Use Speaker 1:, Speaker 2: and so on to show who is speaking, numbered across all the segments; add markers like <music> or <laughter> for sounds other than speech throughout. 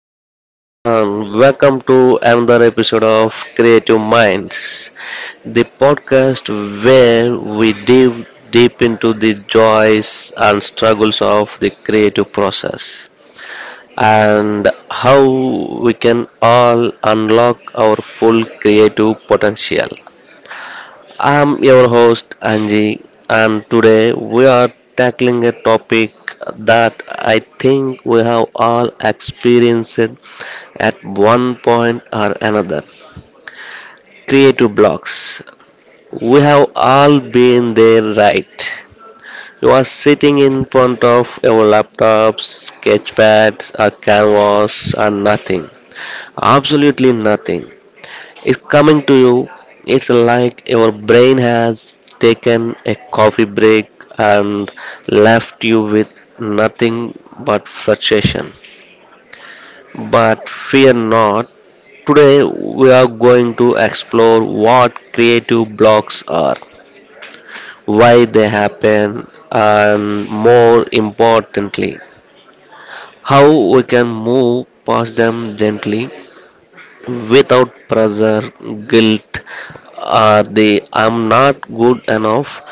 Speaker 1: hey everyone, welcome to another episode of Creative Minds, the podcast where we dive deep into the joys and struggles of the creative process and how we can all unlock our full creative potential. I'm your host Angie, and today we are tackling a topic that I think we have all experienced at one point or another. Creative blocks. We have all been there, right? You are sitting in front of your laptop, sketchpad, or canvas, or nothing. Absolutely nothing. It's coming to you. It's like your brain has taken a coffee break and left you with nothing but frustration. But fear not. Today, we are going to explore what creative blocks are, why they happen, and more importantly, how we can move past them gently without pressure, guilt, or the I'm not good enough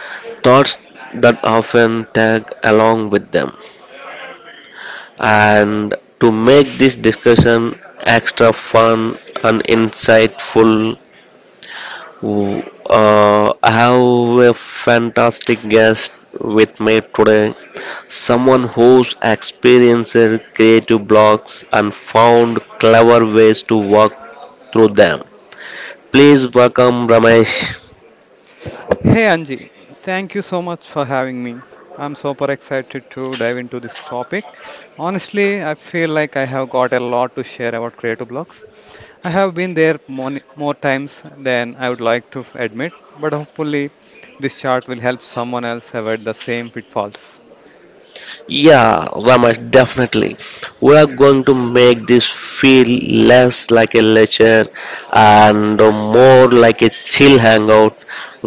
Speaker 1: thoughts that often tag along with them. And to make this discussion extra fun and insightful, Ooh, I have a fantastic guest with me today. Someone who's experienced creative blocks and found clever ways to work through them. Please welcome Ramesh.
Speaker 2: Hey Anji, thank you so much for having me. I'm super excited to dive into this topic. Honestly, I feel like I have got a lot to share about creative blocks. I have been there more times than I would like to admit, but hopefully, this chart will help someone else avoid the same pitfalls.
Speaker 1: Yeah, Ramesh, definitely. We are going to make this feel less like a lecture and more like a chill hangout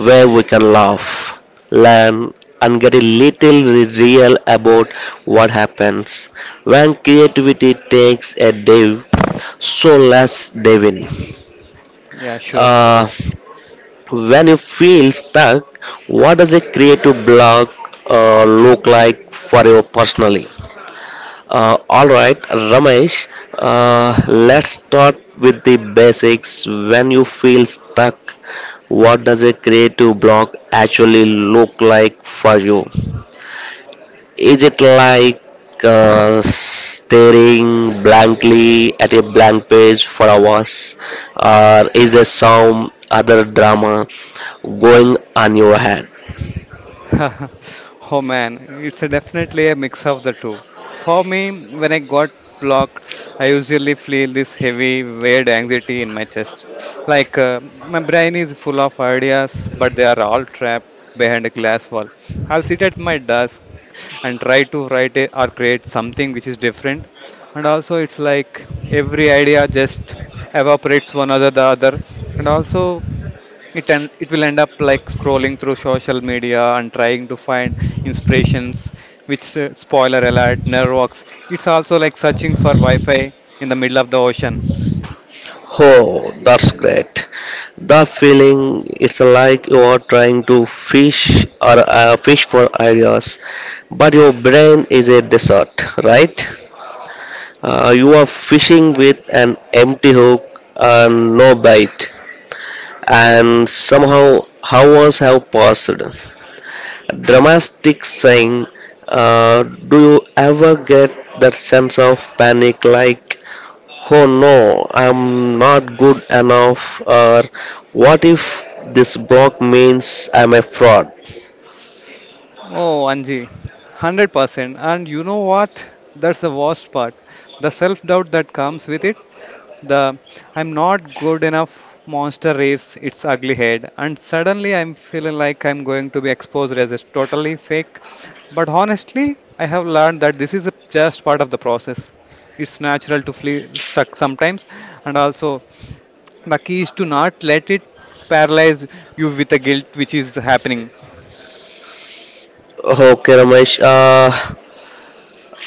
Speaker 1: where we can laugh, learn, and get a little real about what happens when creativity takes a dive. So let's dive in.
Speaker 2: Yeah, sure.
Speaker 1: Uh, when you feel stuck, what does a creative block look like for you personally? All right, Ramesh, let's start with the basics. When you feel stuck, what does a creative block actually look like for you? Is it like staring blankly at a blank page for hours, or is there some other drama going on your head?
Speaker 2: <laughs> Oh man, it's a definitely a mix of the two. For me, when I got blocked, I usually feel this heavy, weird anxiety in my chest. Like my brain is full of ideas, but they are all trapped behind a glass wall. I'll sit at my desk and try to write a, or create something which is different. And also, it's like every idea just evaporates one after the other. And also, it will end up like scrolling through social media and trying to find inspirations which spoiler alert, never works. It's also like searching for wi-fi in the middle of the ocean.
Speaker 1: Oh, that's great. The feeling it's like you are trying to fish for ideas, but your brain is a desert, right? You are fishing with an empty hook and no bite, and somehow hours have passed. Dramatic saying, do you ever get that sense of panic like oh no, I'm not good enough, or what if this block means I'm a fraud?
Speaker 2: Oh Anji, 100%. And you know what, that's the worst part, the self doubt that comes with it. The I'm not good enough monster raised its ugly head, and suddenly I'm feeling like I'm going to be exposed as a totally fake. But honestly, I have learned that this is just part of the process. It's natural to feel stuck sometimes, and also the key is to not let it paralyze you with the guilt which is happening.
Speaker 1: Okay, Ramesh,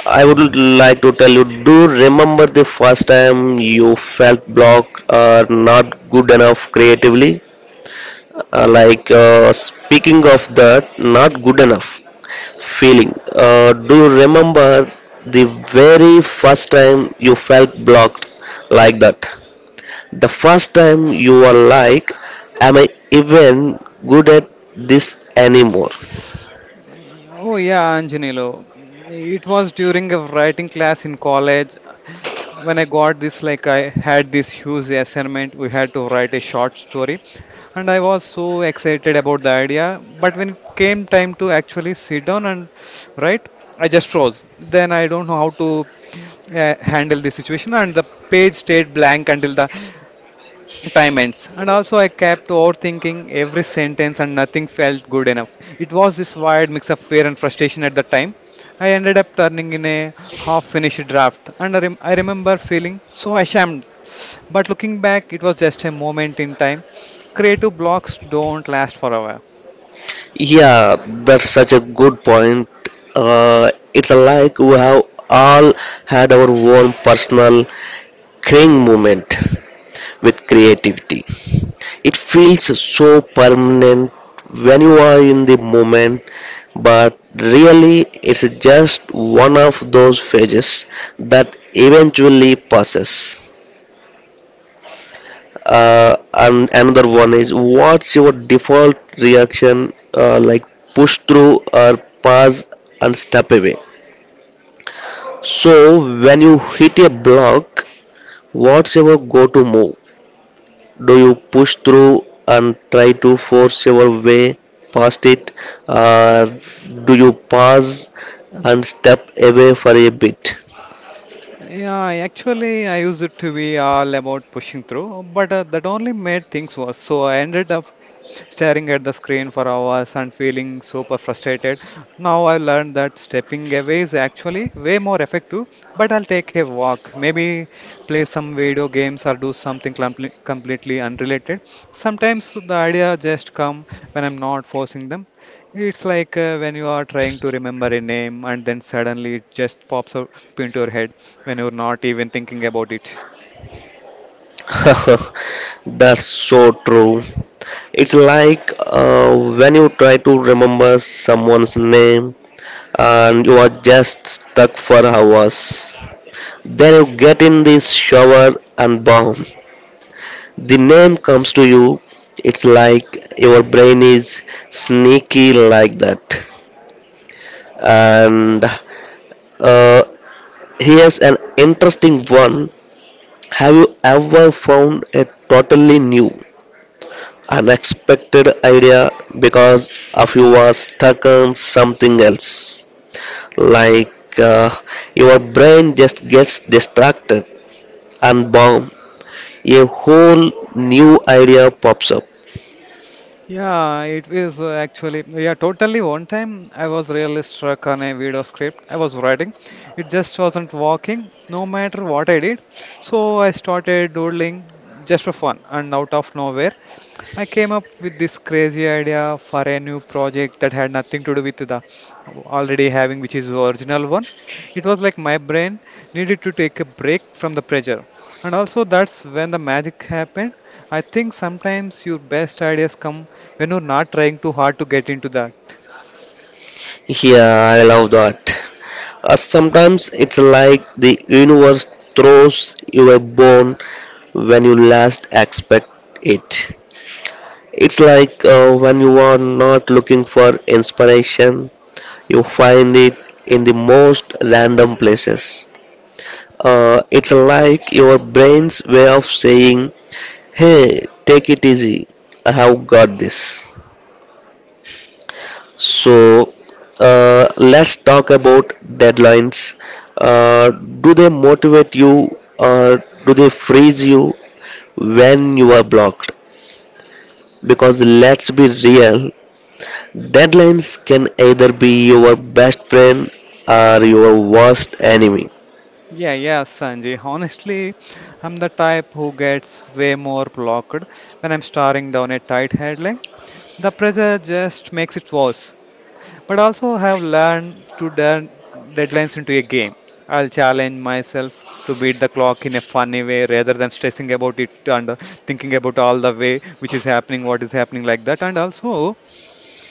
Speaker 1: I would like to tell you do remember the first time you felt blocked or not good enough creatively? Like, speaking of that, not good enough feeling, do you remember the very first time you felt blocked like that? The first time you are like, am I even good at this anymore?
Speaker 2: Oh yeah, Anjanilo. It was during a writing class in college when I got this, like I had this huge assignment. We had to write a short story, and I was so excited about the idea. But when it came time to actually sit down and write, I just froze. Then I don't know how to handle the situation, and the page stayed blank until the time ends. And also, I kept overthinking every sentence and nothing felt good enough. It was this wild mix of fear and frustration at the time. I ended up turning in a half finished draft, and I remember feeling so ashamed. But looking back, it was just a moment in time. Creative blocks don't last forever.
Speaker 1: Yeah, that's such a good point. It's like we have all had our own personal crying moment with creativity. It feels so permanent when you are in the moment, but really it's just one of those phases that eventually passes. And another one is what's your default reaction like push through or pass and step away? So when you hit a block, what's your go-to move? Do you push through and try to force your way past it? Or do you pause and step away for a bit?
Speaker 2: Yeah, actually, I used it to be all about pushing through, but that only made things worse. So I ended up staring at the screen for hours and feeling super frustrated. Now I learned that stepping away is actually way more effective, but I'll take a walk, maybe play some video games or do something completely unrelated. Sometimes the idea just come when I'm not forcing them. It's like when you are trying to remember a name and then suddenly it just pops up into your head when you're not even thinking about it.
Speaker 1: <laughs> That's so true. It's like when you try to remember someone's name and you are just stuck for hours. Then you get in this shower and bomb. The name comes to you. It's like your brain is sneaky like that. And uh, here's an interesting one. Have you ever found a totally new unexpected idea because of you are stuck on something else. Like your brain just gets distracted and boom, a whole new idea pops up.
Speaker 2: Yeah, it is actually, yeah, totally. One time I was really struck on a video script I was writing. It just wasn't working, no matter what I did. So I started doodling just for fun, and out of nowhere, I came up with this crazy idea for a new project that had nothing to do with the already having, which is the original one. It was like my brain needed to take a break from the pressure. And also, that's when the magic happened. I think sometimes your best ideas come when you're not trying too hard to get into that.
Speaker 1: Yeah, I love that. Sometimes it's like the universe throws you a bone when you last expect it. It's like when you are not looking for inspiration, you find it in the most random places. It's like your brain's way of saying, hey, take it easy, I have got this. So, let's talk about deadlines. Do they motivate you or do they freeze you when you are blocked? Because let's be real, deadlines can either be your best friend or your worst enemy.
Speaker 2: Yeah, yeah, Sanjay. Honestly, I'm the type who gets way more blocked when I'm staring down a tight headline. The pressure just makes it worse, but also have learned to turn deadlines into a game. I'll challenge myself to beat the clock in a funny way rather than stressing about it and thinking about all the way which is happening, what is happening like that. And also,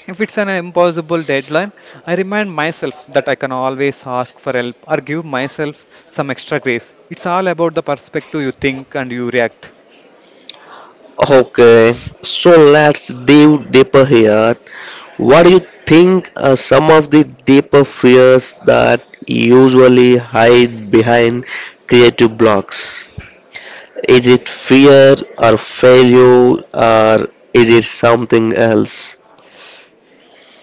Speaker 2: if it's an impossible deadline, I remind myself that I can always ask for help or give myself some extra grace. It's all about the perspective you think and you react.
Speaker 1: Okay, so let's dive deeper here. What do you think are some of the deeper fears that usually hide behind creative blocks? Is it fear or failure or is it something else?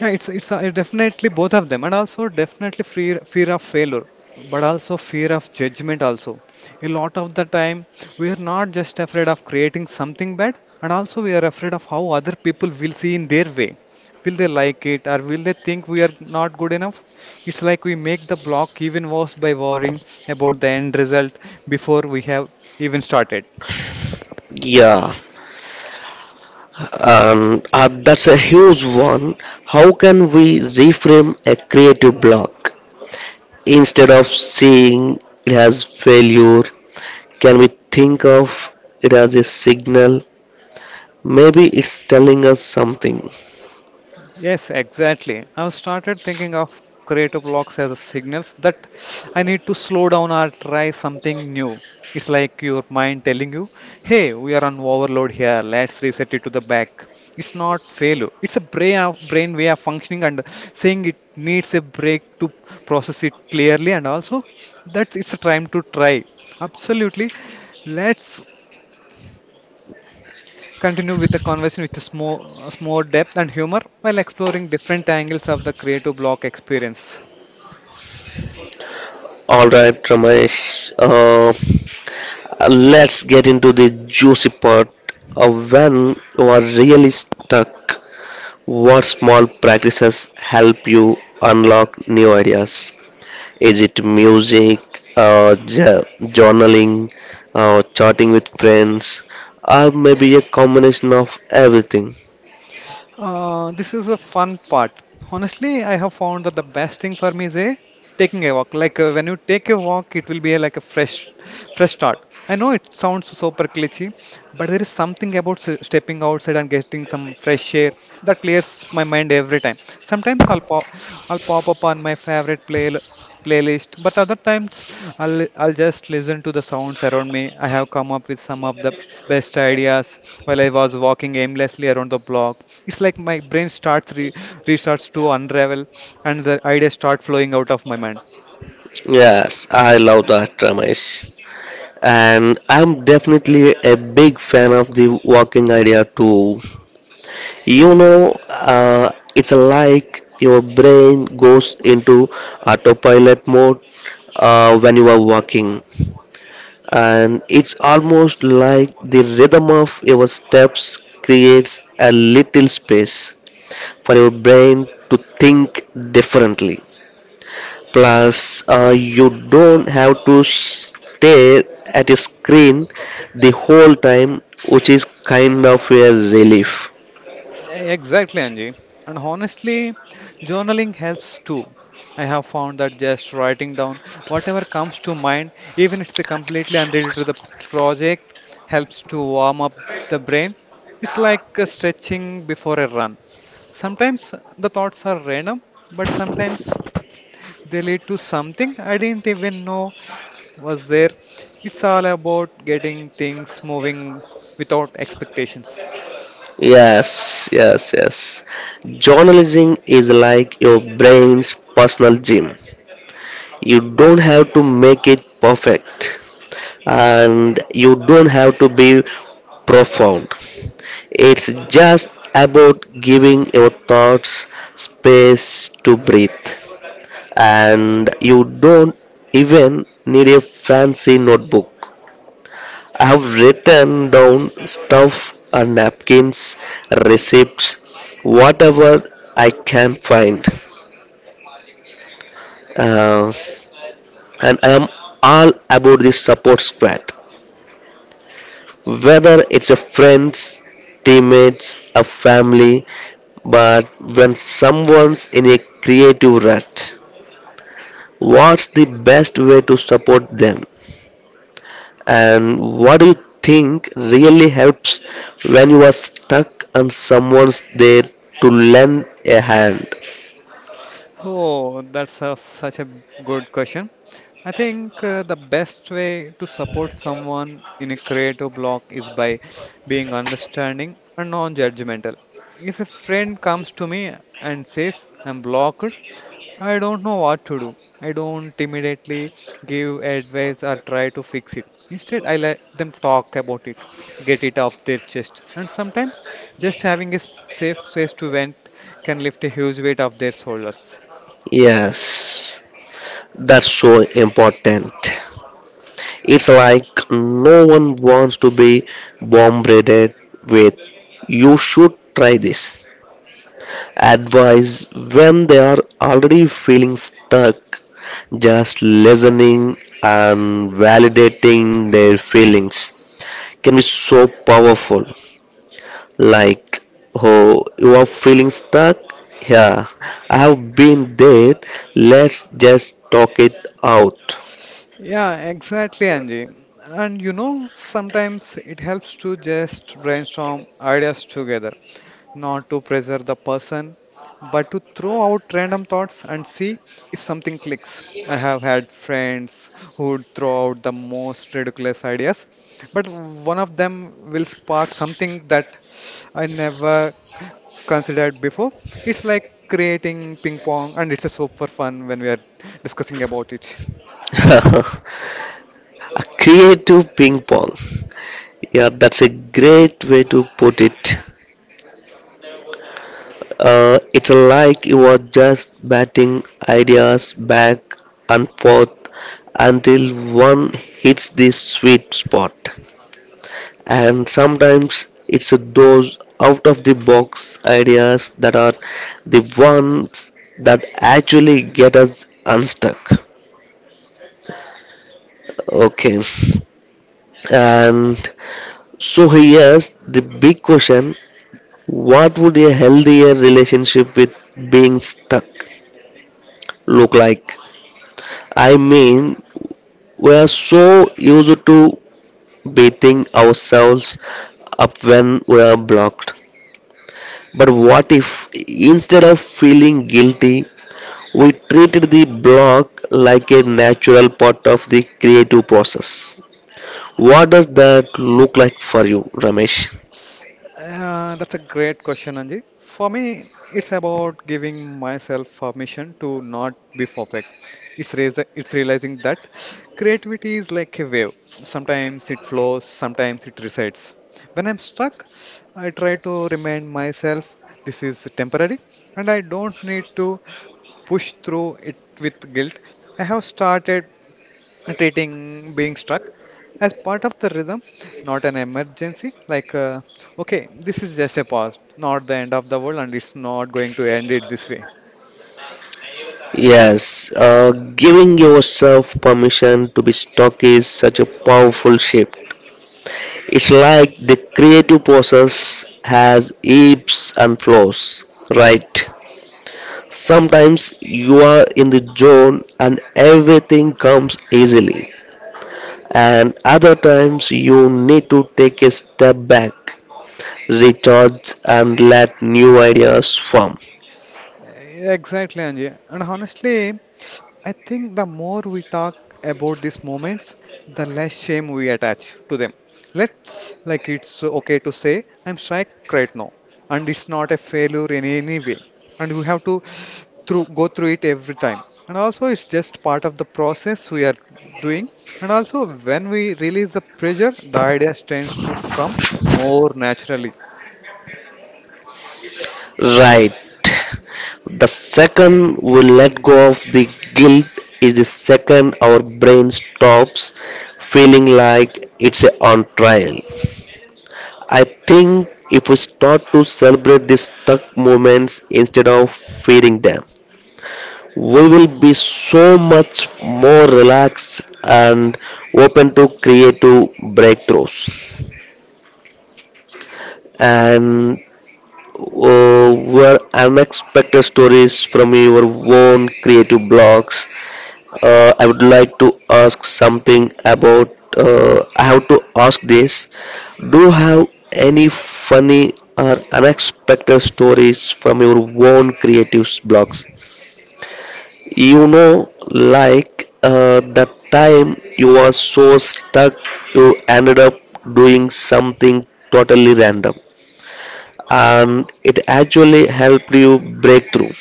Speaker 2: Yeah, it's definitely both of them, and also definitely fear of failure, but also fear of judgment also. A lot of the time, we are not just afraid of creating something bad, and also we are afraid of how other people will see in their way. Will they like it, or will they think we are not good enough? It's like we make the block even worse by worrying about the end result before we have even started.
Speaker 1: Yeah, and that's a huge one. How can we reframe a creative block? Instead of seeing it as failure, can we think of it as a signal? Maybe it's telling us something.
Speaker 2: Yes, exactly. I've started thinking of creative blocks as a signals that I need to slow down or try something new. It's like your mind telling you, hey, we are on overload here, let's reset it to the back. It's not failure. It's a brain of brain way of functioning and saying it needs a break to process it clearly, and also that's it's a time to try. Absolutely. Let's continue with the conversation with more depth and humor while exploring different angles of the creative block experience.
Speaker 1: All right, Ramesh. Uh, let's get into the juicy part. Uh, when you are really stuck, what small practices help you unlock new ideas? Is it music, journaling, chatting with friends, or maybe a combination of everything?
Speaker 2: This is a fun part. Honestly, I have found that the best thing for me is a taking a walk. Like when you take a walk, it will be a, like a fresh start. I know it sounds super cliche, but there is something about stepping outside and getting some fresh air that clears my mind every time. Sometimes I'll pop up on my favorite playlist, but other times I'll just listen to the sounds around me. I have come up with some of the best ideas while I was walking aimlessly around the block. It's like my brain starts re restarts to unravel and the ideas start flowing out of my mind.
Speaker 1: Yes, I love that, Ramesh, and I'm definitely a big fan of the walking idea too. It's like your brain goes into autopilot mode when you are walking, and it's almost like the rhythm of your steps creates a little space for your brain to think differently. Plus, you don't have to stare at a screen the whole time, which is kind of a relief.
Speaker 2: Exactly, Anji. And honestly, journaling helps too. I have found that just writing down whatever comes to mind, even if it's completely unrelated to the project, helps to warm up the brain. It's like stretching before a run. Sometimes the thoughts are random, but sometimes they lead to something I didn't even know was there. It's all about getting things moving without expectations.
Speaker 1: Yes, yes, yes. Journalism is like your brain's personal gym. You don't have to make it perfect, and you don't have to be profound. It's just about giving your thoughts space to breathe, and you don't even need a fancy notebook. I have written down stuff and napkins, receipts, whatever I can find. Uh, and I am all about this support squad, whether it's a friends, teammates, a family. But when someone's in a creative rut, what's the best way to support them? And what do you think really helps when you are stuck and someone's there to lend a hand?
Speaker 2: Oh, such a good question. I think the best way to support someone in a creative block is by being understanding and non-judgmental. If a friend comes to me and says, I'm blocked, I don't know what to do. I don't immediately give advice or try to fix it. Instead, I let them talk about it, get it off their chest. And sometimes just having a safe space to vent can lift a huge weight off their shoulders.
Speaker 1: Yes, that's so important. It's like no one wants to be bombarded with you should try this advice when they are already feeling stuck. Just listening and validating their feelings can be so powerful. Like, oh, you are feeling stuck, yeah, I have been there, let's just talk it out.
Speaker 2: Yeah, exactly, Anji. And you know, sometimes it helps to just brainstorm ideas together, not to pressure the person, but to throw out random thoughts and see if something clicks. I have had friends who would throw out the most ridiculous ideas, but one of them will spark something that I never considered before. It's like creating ping pong, and it's a super fun when we are discussing about it.
Speaker 1: <laughs> A creative ping pong, yeah, that's a great way to put it. It's like you are just batting ideas back and forth until one hits the sweet spot. And sometimes it's those out of the box ideas that are the ones that actually get us unstuck. Okay. And so here's the big question: what would a healthier relationship with being stuck look like? I mean, we are so used to beating ourselves up when we are blocked, but what if instead of feeling guilty, we treated the block like a natural part of the creative process. What does that look like for you, Ramesh?
Speaker 2: That's a great question, Anji. For me, it's about giving myself permission to not be perfect. It's realizing that creativity is like a wave. Sometimes it flows, sometimes it resides. When I'm stuck, I try to remind myself this is temporary and I don't need to push through it with guilt. I have started treating being struck as part of the rhythm, not an emergency. Like, okay, this is just a pause, not the end of the world, and it's not going to end it this way.
Speaker 1: Yes, giving yourself permission to be stuck is such a powerful shift. It's like the creative process has ebbs and flows, right? Sometimes you are in the zone and everything comes easily, and other times you need to take a step back, recharge and let new ideas form.
Speaker 2: Exactly, Anjay. And honestly, I think the more we talk about these moments, the less shame we attach to them. Let Like it's okay to say I'm strike right now, and it's not a failure in any way. And we have to through go through it every time. And also, it's just part of the process we are doing. And also, when we release the pressure, the ideas tends to come more naturally.
Speaker 1: Right. The second we let go of the guilt is the second our brain stops feeling like it's on trial. I think if we start to celebrate these stuck moments instead of feeding them, we will be so much more relaxed and open to creative breakthroughs. And uh, were unexpected stories from your own creative blogs. I would like to ask something about. I have to ask this. Do you have any funny or unexpected stories from your own creative blogs? The time you were so stuck, you ended up doing something totally random and it actually helped you break through.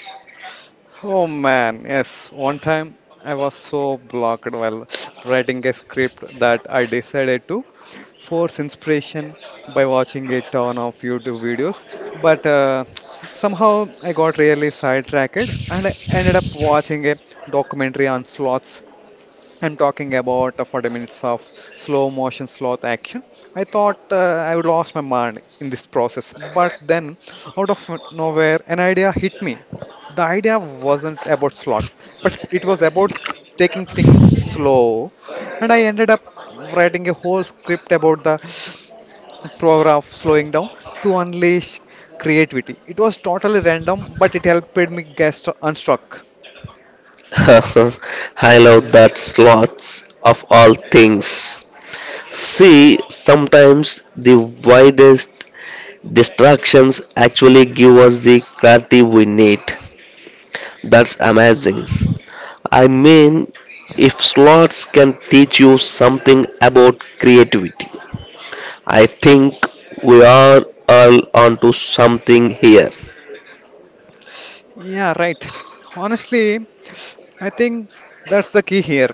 Speaker 2: Oh man, yes. One time I was so blocked while <sniffs> writing a script that I decided to force inspiration by watching a ton of YouTube videos. But <tsk> somehow I got really sidetracked and I ended up watching a documentary on sloths. I'm talking about 40 minutes of slow motion sloth action. I thought I would lost my mind in this process, but then out of nowhere, an idea hit me. The idea wasn't about slots, but it was about taking things slow, and I ended up writing a whole script about the power of slowing down to unleash creativity. It was totally random, but it helped me get unstuck.
Speaker 1: <laughs> I love that, slots of all things. See, sometimes the widest distractions actually give us the clarity we need. That's amazing. I mean, if slots can teach you something about creativity, I think we are all onto something here.
Speaker 2: Yeah, right. Honestly, I think that's the key here.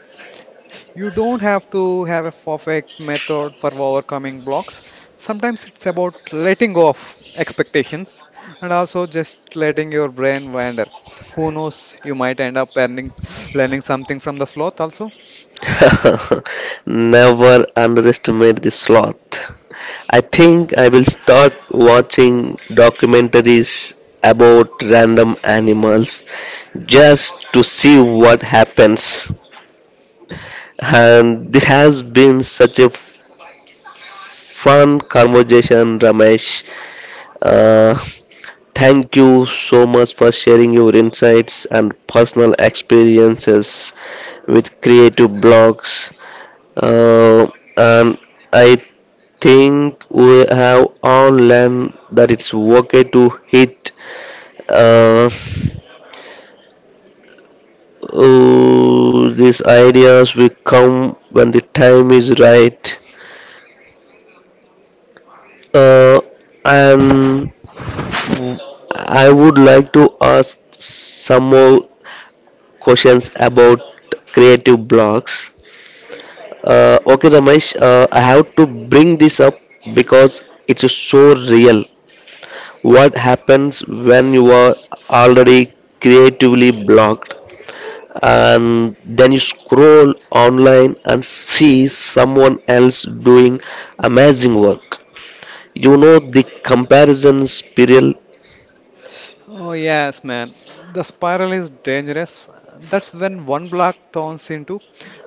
Speaker 2: You don't have to have a perfect method for overcoming blocks. Sometimes it's about letting go of expectations and also just letting your brain wander. Who knows, you might end up earning, learning something from the sloth also.
Speaker 1: <laughs> Never underestimate the sloth. I think I will start watching documentaries about random animals just to see what happens. And this has been such a fun conversation, Ramesh. Uh, Thank you so much for sharing your insights and personal experiences with creative blogs. Uh, and I think we have all learned that it's okay to hit uh, oh, these ideas will come when the time is right. uh, and I would like to ask some more questions about creative blocks. Okay, Ramesh. I have to bring this up because it's so real. What happens when you are already creatively blocked and then you scroll online and see someone else doing amazing work? You know, the comparison spiral.
Speaker 2: Oh, yes, man. The spiral is dangerous. That's when one block turns into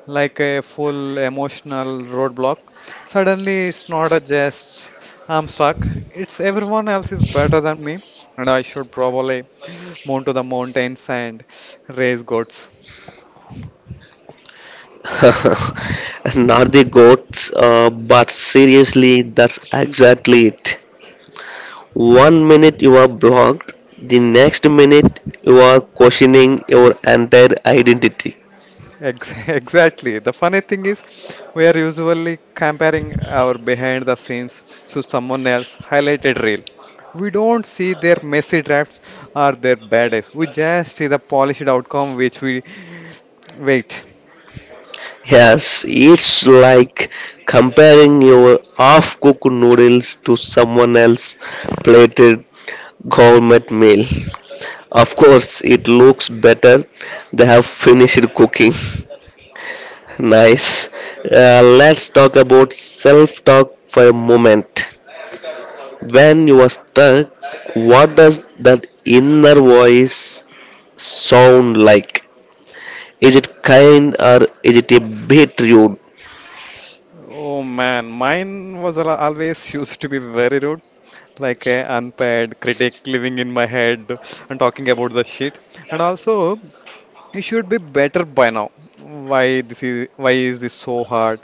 Speaker 2: like a full emotional roadblock. Suddenly, it's not a just I'm stuck. It's everyone else is better than me, and I should probably mount to the mountains and raise goats.
Speaker 1: <laughs> Not the goats, but seriously, that's exactly it. One minute you are blocked, the next minute you are questioning your entire identity.
Speaker 2: <laughs> Exactly. The funny thing is, we are usually comparing our behind the scenes to someone else highlighted reel. We don't see their messy drafts or their bad days. We just see the polished outcome, which we wait.
Speaker 1: Yes, it's like comparing your half cooked noodles to someone else's plated gourmet meal. Of course, it looks better. They have finished cooking. <laughs> Nice. Let's talk about self talk for a moment. When you are stuck, what does that inner voice sound like? Is it kind or is it a bit rude?
Speaker 2: Oh man, mine was always <laughs> used to be very rude, like an unpaid critic living in my head and talking about the shit. And also, you should be better by now. Why is this so hard?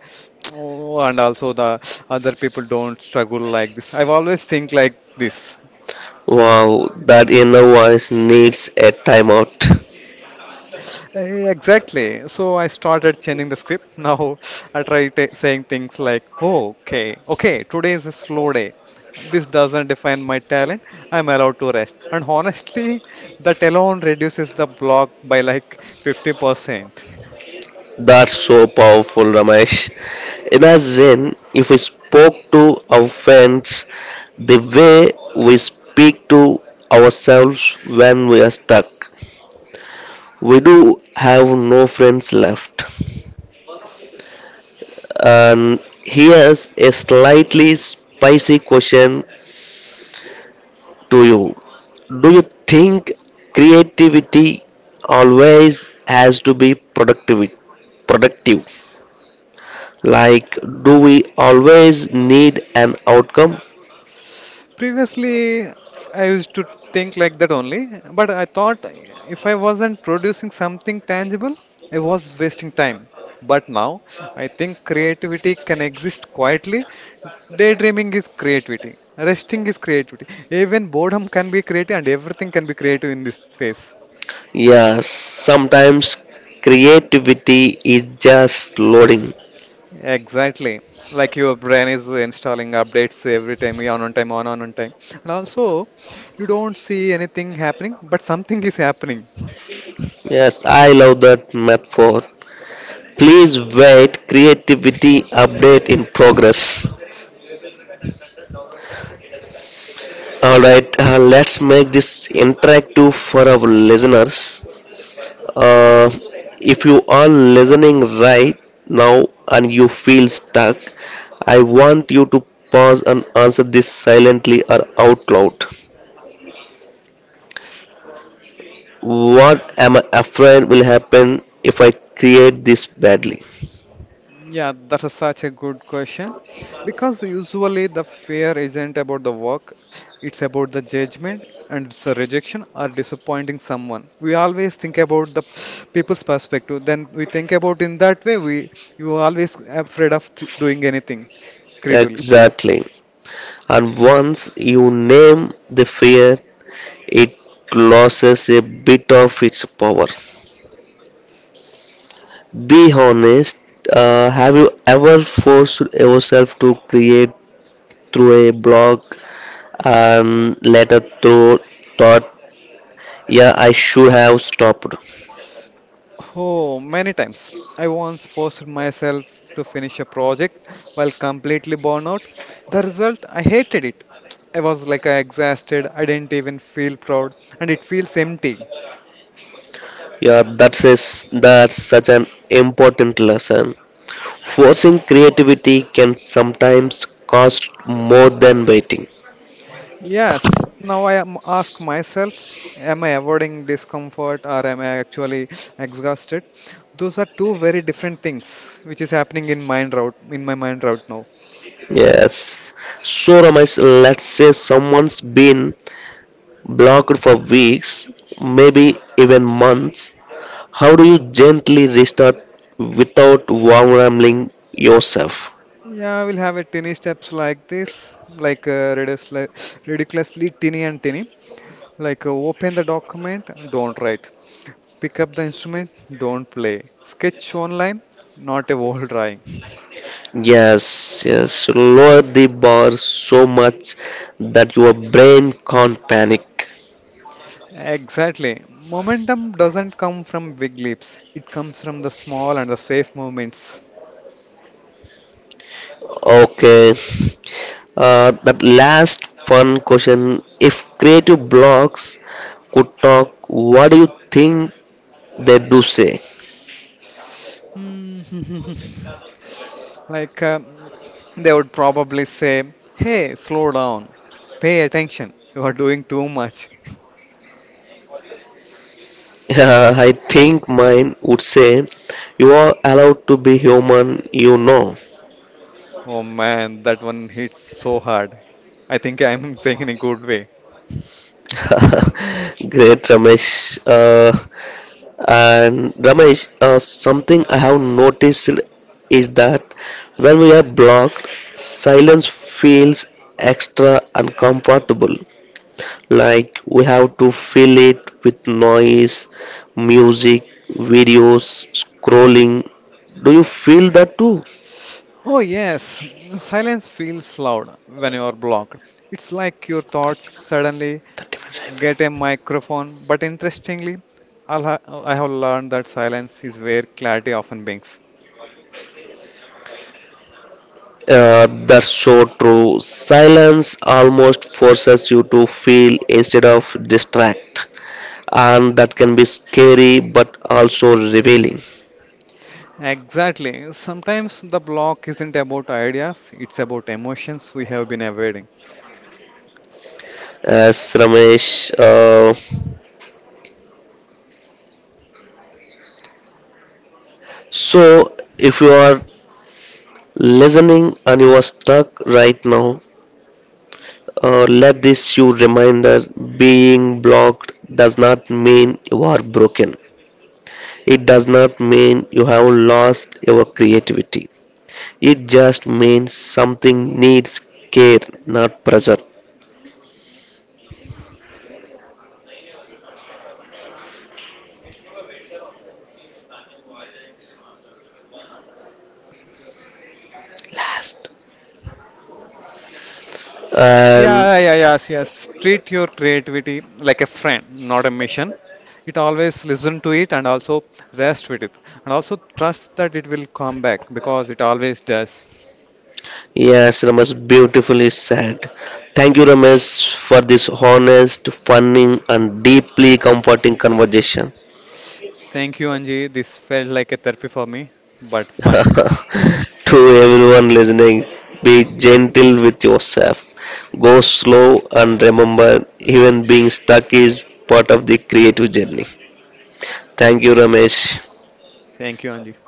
Speaker 2: Oh, and also the other people don't struggle like this. I've always think like this.
Speaker 1: Wow, that inner voice needs a timeout.
Speaker 2: Exactly. So I started changing the script. <laughs> Now I try t saying things like, "Oh, okay, okay, today is a slow day. This doesn't define my talent. I'm allowed to rest." And honestly, <laughs> that alone reduces the block by like 50%.
Speaker 1: That's so powerful, Ramesh. Imagine if we spoke to our friends the way we speak to ourselves when we are stuck. We do have no friends left. And here's a slightly spicy question to you: do you think creativity always has to be Productive? Like, do we always need an outcome?
Speaker 2: Previously, I used to think like that only, but I thought if I wasn't producing something tangible, I was wasting time. But now, I think creativity can exist quietly. Daydreaming is creativity, resting is creativity. Even boredom can be creative, and everything can be creative in this phase.
Speaker 1: Yes, sometimes creativity is just loading.
Speaker 2: Exactly. Like your brain is installing updates every time, on time, on time. And also, you don't see anything happening, but something is happening.
Speaker 1: Yes, I love that metaphor. Please wait, creativity update in progress. Alright, let's make this interactive for our listeners. Uh, if you are listening right now and you feel stuck, I want you to pause and answer this silently or out loud. What am I afraid will happen if I create this badly?
Speaker 2: Yeah, that is such a good question. Because usually the fear isn't about the work, it's about the judgment and it's a rejection or disappointing someone. We always think about the people's perspective. Then we think about in that way, we you are always afraid of th doing anything creatively.
Speaker 1: Exactly. And once you name the fear, it loses a bit of its power. Be honest. Have you ever forced yourself to create through a blog and later through thought, yeah, I should have stopped?
Speaker 2: Oh, many times. I once forced myself to finish a project while completely born out. The result, I hated it. I was like exhausted. I didn't even feel proud, and it feels empty.
Speaker 1: Yeah, that's such an important lesson. Forcing creativity can sometimes cost more than waiting.
Speaker 2: Yes, now I am ask myself, am I avoiding discomfort or am I actually exhausted? Those are two very different things, which is happening in my mind route now.
Speaker 1: Yes. So, Ramesh, let's say someone's been blocked for weeks, maybe even months. How do you gently restart without wrangling yourself?
Speaker 2: Yeah, we'll have a tiny steps like this, like ridiculously tiny and tiny. Like open the document, don't write. Pick up the instrument, don't play. Sketch online, not a wall drawing. <laughs>
Speaker 1: Yes, yes. Lower the bar so much that your brain can't panic.
Speaker 2: Exactly. Momentum doesn't come from big leaps. It comes from the small and the safe movements.
Speaker 1: Okay. That last fun question. If creative blocks could talk, what do you think they do say? <laughs>
Speaker 2: Hmm. <laughs> Like they would probably say, "Hey, slow down. Pay attention. You are doing too much." <laughs>
Speaker 1: I think mine would say, you are allowed to be human.
Speaker 2: Oh man, that one hits so hard. I think I'm <laughs> saying in a good way.
Speaker 1: <laughs> Great, Ramesh. And Ramesh, something I have noticed is that when we are blocked, silence feels extra uncomfortable. Like we have to fill it with noise, music, videos, scrolling. Do you feel that too?
Speaker 2: Oh, yes, silence feels loud when you are blocked. It's like your thoughts suddenly
Speaker 1: 30 minutes
Speaker 2: get
Speaker 1: iPad.
Speaker 2: a microphone, but interestingly, I'll ha- I have learned that silence is where clarity often begins.
Speaker 1: That's so true. Silence almost forces you to feel instead of distract, and that can be scary but also revealing.
Speaker 2: Exactly. Sometimes the block isn't about ideas, it's about emotions we have been avoiding.
Speaker 1: As Ramesh, so if you are listening and you are stuck right now, let this you reminder being blocked does not mean you are broken. It does not mean you have lost your creativity. It just means something needs care, not pressure. Last.
Speaker 2: Yeah,
Speaker 1: And
Speaker 2: yeah, yeah, yes, yes. Treat your creativity like a friend, not a mission. It always listen to it and also rest with it. And also trust that it will come back because it always does.
Speaker 1: yes, Ramesh beautifully said. Thank you, Ramesh, for this honest, funny, and deeply comforting conversation.
Speaker 2: Thank you, Anji. This felt like a therapy for me, but fun.
Speaker 1: <laughs> To everyone listening, be gentle with yourself. Go slow and remember, even being stuck is part of the creative journey. Thank you, Ramesh.
Speaker 2: Thank you, Anji.